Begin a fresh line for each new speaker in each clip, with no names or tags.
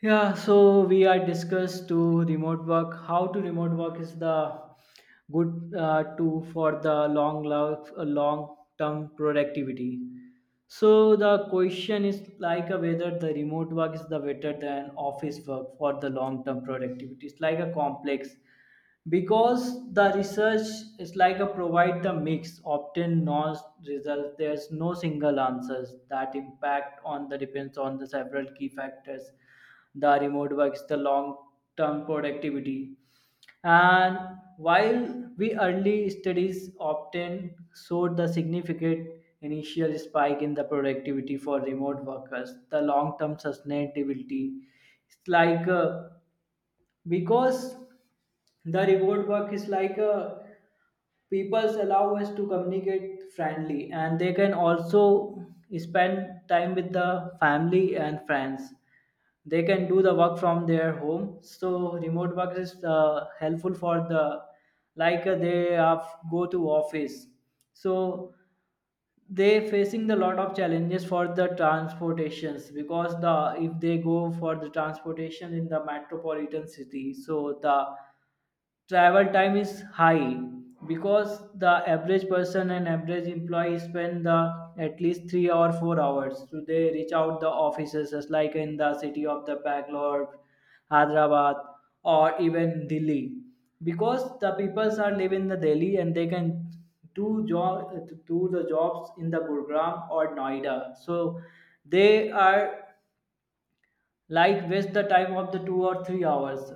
Yeah, so we are discussed to remote work, how to remote work is the good tool for the long term productivity. So the question is like a whether the remote work is the better than office work for the long term productivity. It's like a complex because the research is like a provide the mix often noise results. There's no single answers that impact on the depends on the several key factors, the remote works, the long term productivity. And while we early studies often showed the significant initial spike in the productivity for remote workers, the long term sustainability, it's like because the reward work is people's allow us to communicate friendly, and they can also spend time with the family and friends. They can do the work from their home, so remote work is helpful for the they have go to office. So they facing the lot of challenges for the transportations, because the if they go for the transportation in the metropolitan city, so the travel time is high, because the average person and average employee spend the at least 3 or 4 hours to they reach out the offices, just like in the city of the Bangalore, Hyderabad, or even Delhi, because the peoples are living the Delhi and they can do the jobs in the Gurugram or Noida. So they are like waste the time of the 2 or 3 hours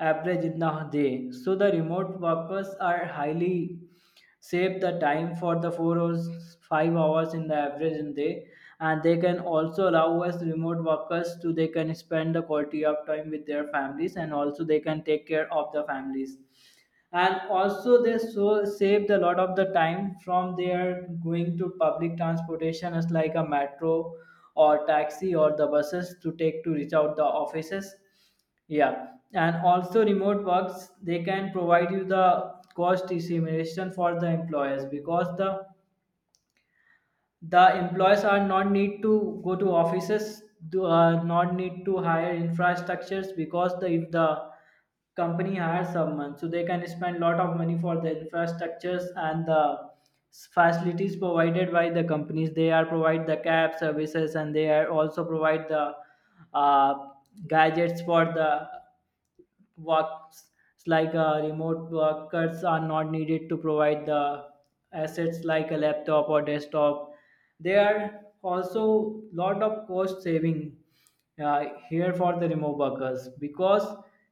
average in a day. So the remote workers are highly save the time for the 4 or 5 hours in the average in day, and they can also allow us remote workers to they can spend the quality of time with their families, and also they can take care of the families. And also they so saved a lot of the time from their going to public transportation as like a metro or taxi or the buses to take to reach out the offices, yeah. And also remote works, they can provide you the cost estimation for the employers, because the employees are not need to go to offices, do not need to hire infrastructures, because the if the company hires someone, so they can spend lot of money for the infrastructures and the facilities provided by the companies. They are provide the cab services, and they are also provide the uh, gadgets for the works. Remote workers are not needed to provide the assets like a laptop or desktop. There are also lot of cost saving here for the remote workers, because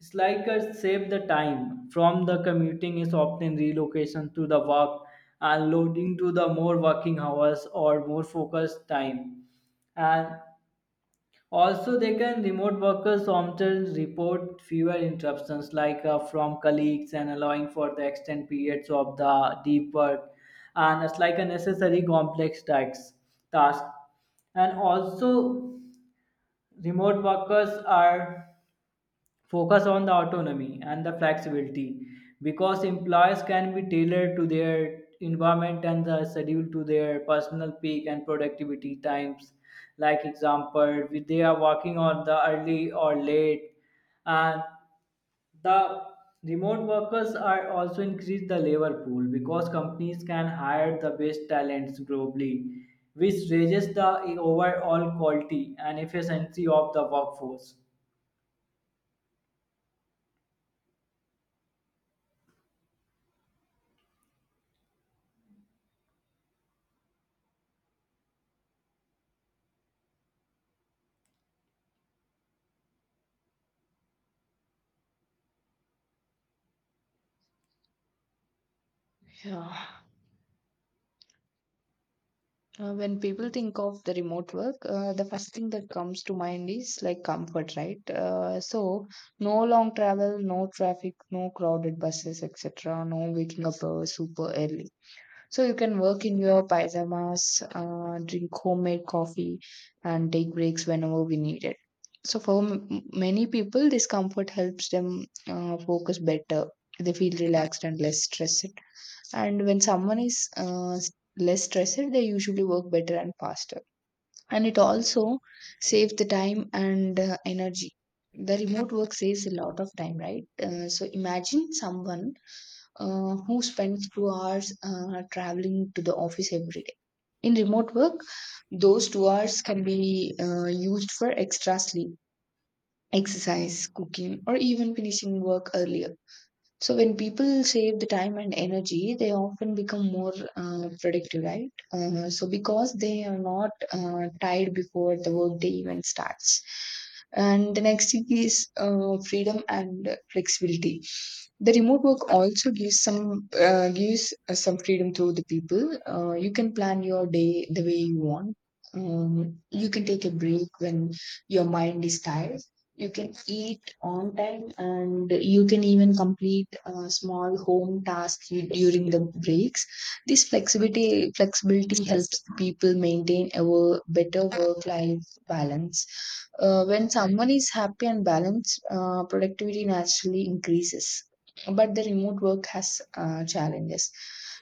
it's like a save the time from the commuting is often relocation to the work, and loading to the more working hours or more focused time. And also, they can remote workers often report fewer interruptions, from colleagues, and allowing for the extended periods of the deep work, and it's like a necessary complex tax task. And also, remote workers are focus on the autonomy and the flexibility, because employees can be tailored to their environment and the schedule to their personal peak and productivity times, like example if they are working on the early or late. And the remote workers are also increase the labor pool, because companies can hire the best talents globally, which raises the overall quality and efficiency of the workforce.
Yeah. When people think of the remote work, the first thing that comes to mind is like comfort, right? No long travel, no traffic, no crowded buses, etc., no waking up super early. So, you can work in your pyjamas, drink homemade coffee, and take breaks whenever we need it. So, for many people, this comfort helps them focus better. They feel relaxed and less stressed. And when someone is less stressed, they usually work better and faster, and it also saves the time and energy. The remote work saves a lot of time, right? So imagine someone who spends 2 hours traveling to the office every day. In remote work, those 2 hours can be used for extra sleep, exercise, cooking, or even finishing work earlier. So when people save the time and energy, they often become more productive, right? So because they are not tired before the workday even starts. And the next thing is freedom and flexibility. The remote work also gives some freedom to the people. You can plan your day the way you want. You can take a break when your mind is tired. You can eat on time, and you can even complete small home tasks during the breaks. This flexibility helps people maintain a better work life balance. Uh, when someone is happy and balanced, productivity naturally increases. But the remote work has challenges.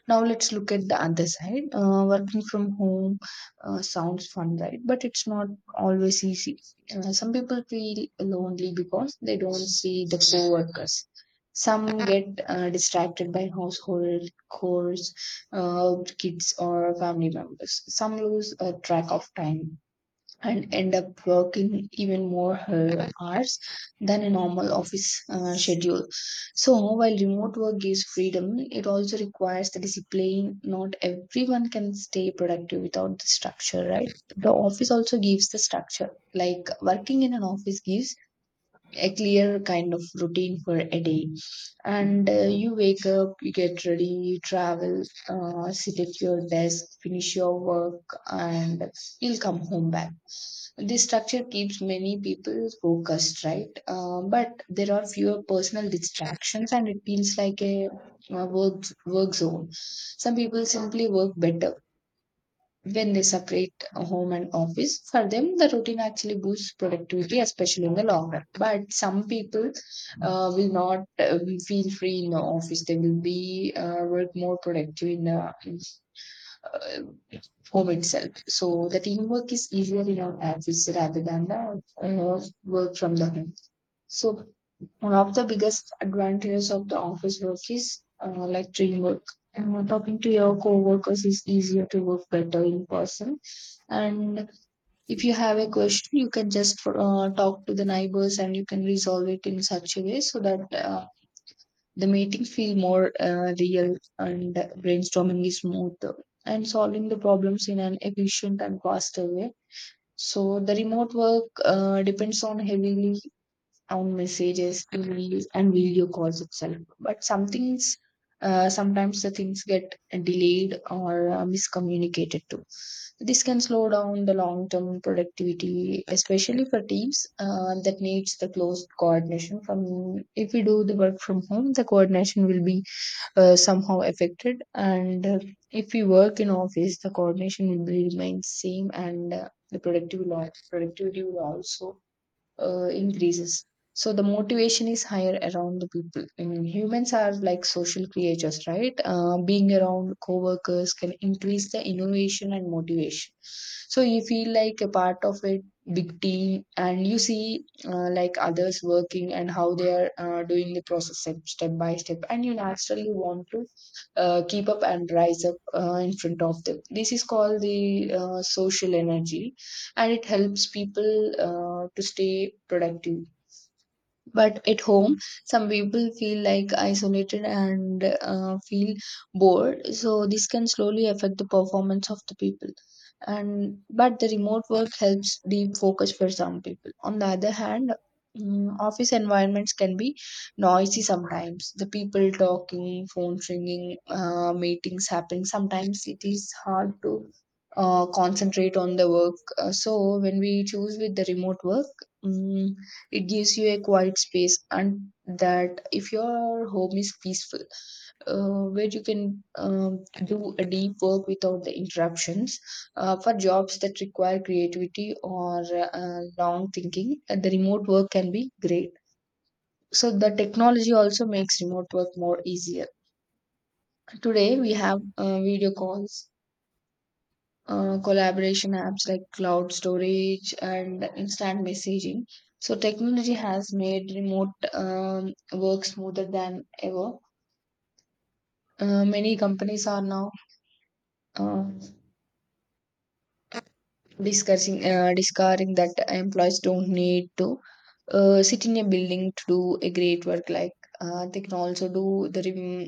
Now let's look at the other side. Working from home sounds fun, right? But it's not always easy. Some people feel lonely because they don't see the co-workers. Some get distracted by household chores, kids, or family members. Some lose track of time and end up working even more hours than a normal office schedule. So, while remote work gives freedom, it also requires the discipline. Not everyone can stay productive without the structure, right? The office also gives the structure. Like, working in an office gives a clear kind of routine for a day. And You wake up, you get ready, you travel, sit at your desk, finish your work, and you'll come home back. This structure keeps many people focused, right? But there are fewer personal distractions, and it feels like a work zone. Some people simply work better when they separate home and office. For them, the routine actually boosts productivity, especially in the long run. But some people will not feel free in the office. They will be work more productive in the uh, home itself. So the teamwork is easier in our office rather than the work from the home. So one of the biggest advantages of the office work is like teamwork. Talking to your coworkers is easier to work better in person. And if you have a question, you can just talk to the neighbors and you can resolve it in such a way so that the meetings feel more real, and brainstorming is smoother, and solving the problems in an efficient and faster way. So the remote work depends on heavily on messages, emails, and video calls itself. But some things, sometimes the things get delayed or miscommunicated too. This can slow down the long-term productivity, especially for teams that needs the close coordination. From if we do the work from home, the coordination will be somehow affected, and if we work in office, the coordination will be remain same, and the productivity will also increases. So the motivation is higher around the people. I mean, humans are like social creatures, right? Being around co-workers can increase the innovation and motivation. So you feel like a part of a big team, and you see like others working and how they are doing the process step, step by step, and you naturally want to keep up and rise up in front of them. This is called the social energy, and it helps people to stay productive. But at home, some people feel like isolated and feel bored. So this can slowly affect the performance of the people. And but the remote work helps deep focus for some people. On the other hand, office environments can be noisy sometimes. The people talking, phone ringing, meetings happening. Sometimes it is hard to concentrate on the work. So when we choose with the remote work. mm it gives you a quiet space, and that if your home is peaceful, where you can do a deep work without the interruptions. For jobs that require creativity or long thinking, the remote work can be great. So the technology also makes remote work more easier. Today we have video calls, collaboration apps like cloud storage and instant messaging. So technology has made remote work smoother than ever. Many companies are now uh, discussing discovering that employees don't need to sit in a building to do a great work. Like, they can also do the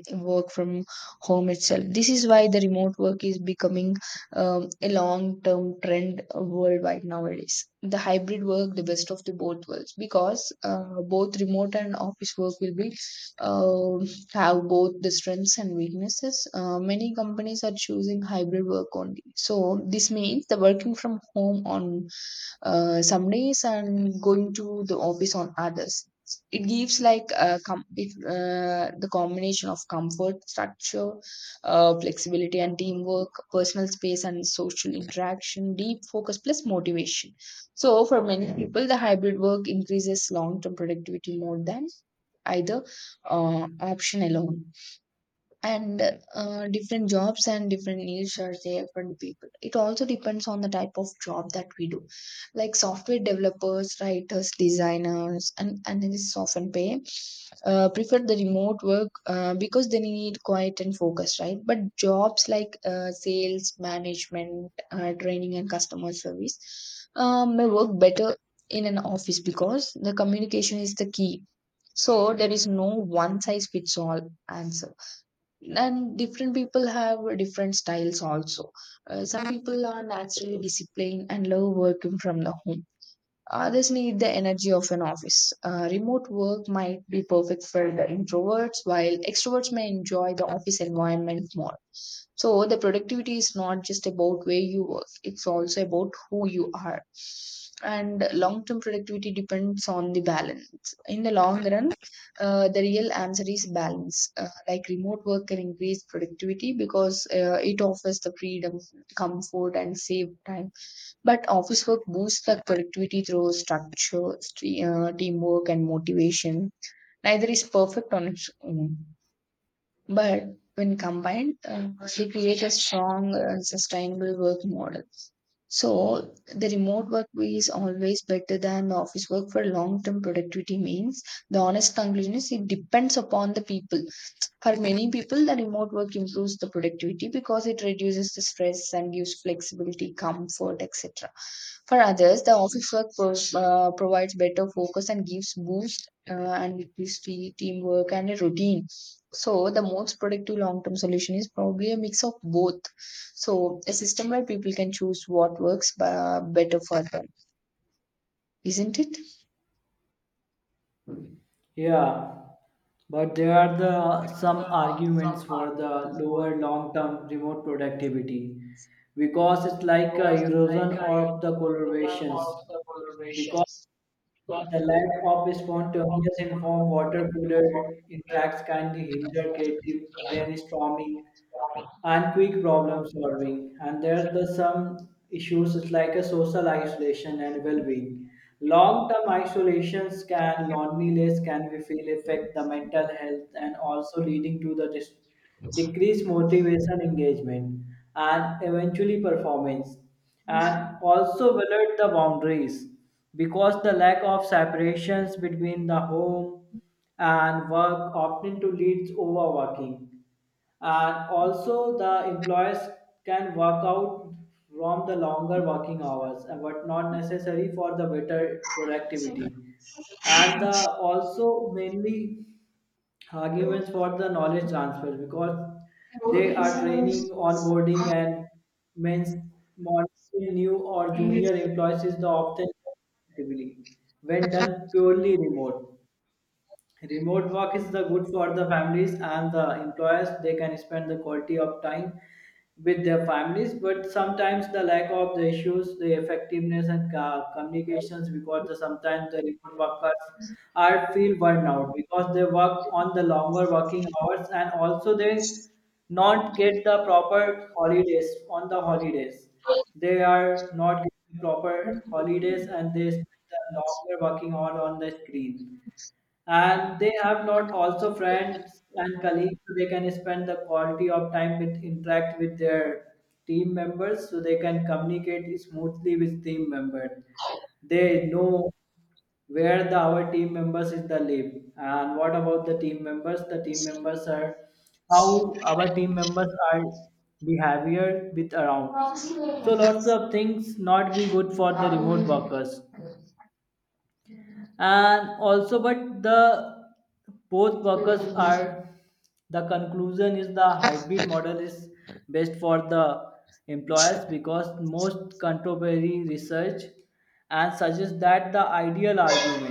work from home itself. This is why the remote work is becoming a long term trend worldwide nowadays. The hybrid work, the best of the both worlds, because both remote and office work will be um have both the strengths and weaknesses. Many companies are choosing hybrid work only. So this means the working from home on some days and going to the office on others. It gives like a the combination of comfort, structure, flexibility, and teamwork, personal space, and social interaction, deep focus plus motivation. So, for many people, the hybrid work increases long term productivity more than either option alone. And different jobs and different needs are there for the people. It also depends on the type of job that we do, like software developers, writers, designers, and analysts often pay prefer the remote work because they need quiet and focus, right? But jobs like sales, management, training, and customer service may work better in an office because the communication is the key. So there is no one size fits all answer, and different people have different styles also. Uh, some people are naturally disciplined and love working from the home. Others need the energy of an office. Remote work might be perfect for the introverts, while extroverts may enjoy the office environment more. So, the productivity is not just about where you work, it's also about who you are. And long term productivity depends on the balance. In the long run, the real answer is balance. Like, remote work can increase productivity because it offers the freedom, comfort, and save time, but office work boosts the productivity through structure, teamwork, and motivation. Neither is perfect on its own, but when combined, they create a strong, sustainable work model. So the remote work is always better than the office work for long-term productivity means. The honest conclusion is it depends upon the people. For many people, the remote work improves the productivity because it reduces the stress and gives flexibility, comfort, etc. For others, the office work provides better focus and gives boost and it gives teamwork and a routine. So, the most productive long term solution is probably a mix of both. So, a system where people can choose what works better for them, isn't it?
Yeah, but there are the some arguments for the lower long-term remote productivity, because it's like a erosion of the collaborations, because the lack of spontaneous informed water cooler interacts can hinder creative brainstorming and quick problem solving. And there's the some issues, it's like a social isolation and well-being. Long-term isolations can loneliness can we feel affect the mental health, and also leading to the decreased motivation, engagement, and eventually performance. And also blurred the boundaries, because the lack of separations between the home and work often to leads overworking. And also the employers can work out from the longer working hours and what not necessary for the better productivity. And the also mainly arguments for the knowledge transfer, because they are training, onboarding, and means monitoring new or junior employees is the often actively when done purely remote. Remote work is the good for the families and the employers. They can spend the quality of time with their families, but sometimes the lack of the issues, the effectiveness and communications, because the, sometimes the remote workers are feel burnout because they work on the longer working hours, and also they not get the proper holidays on the holidays. They are not getting proper holidays and they spend the longer working hour on the screen, and they have not also friends and colleagues so they can spend the quality of time with interact with their team members, so they can communicate smoothly with team members. They know where the our team members is the live, and what about the team members, the team members are how our team members are behavior with around. So lots of things not be good for the remote workers. And also but the both workers are, the conclusion is the hybrid model is best for the employers, because most contemporary research and suggests that the ideal argument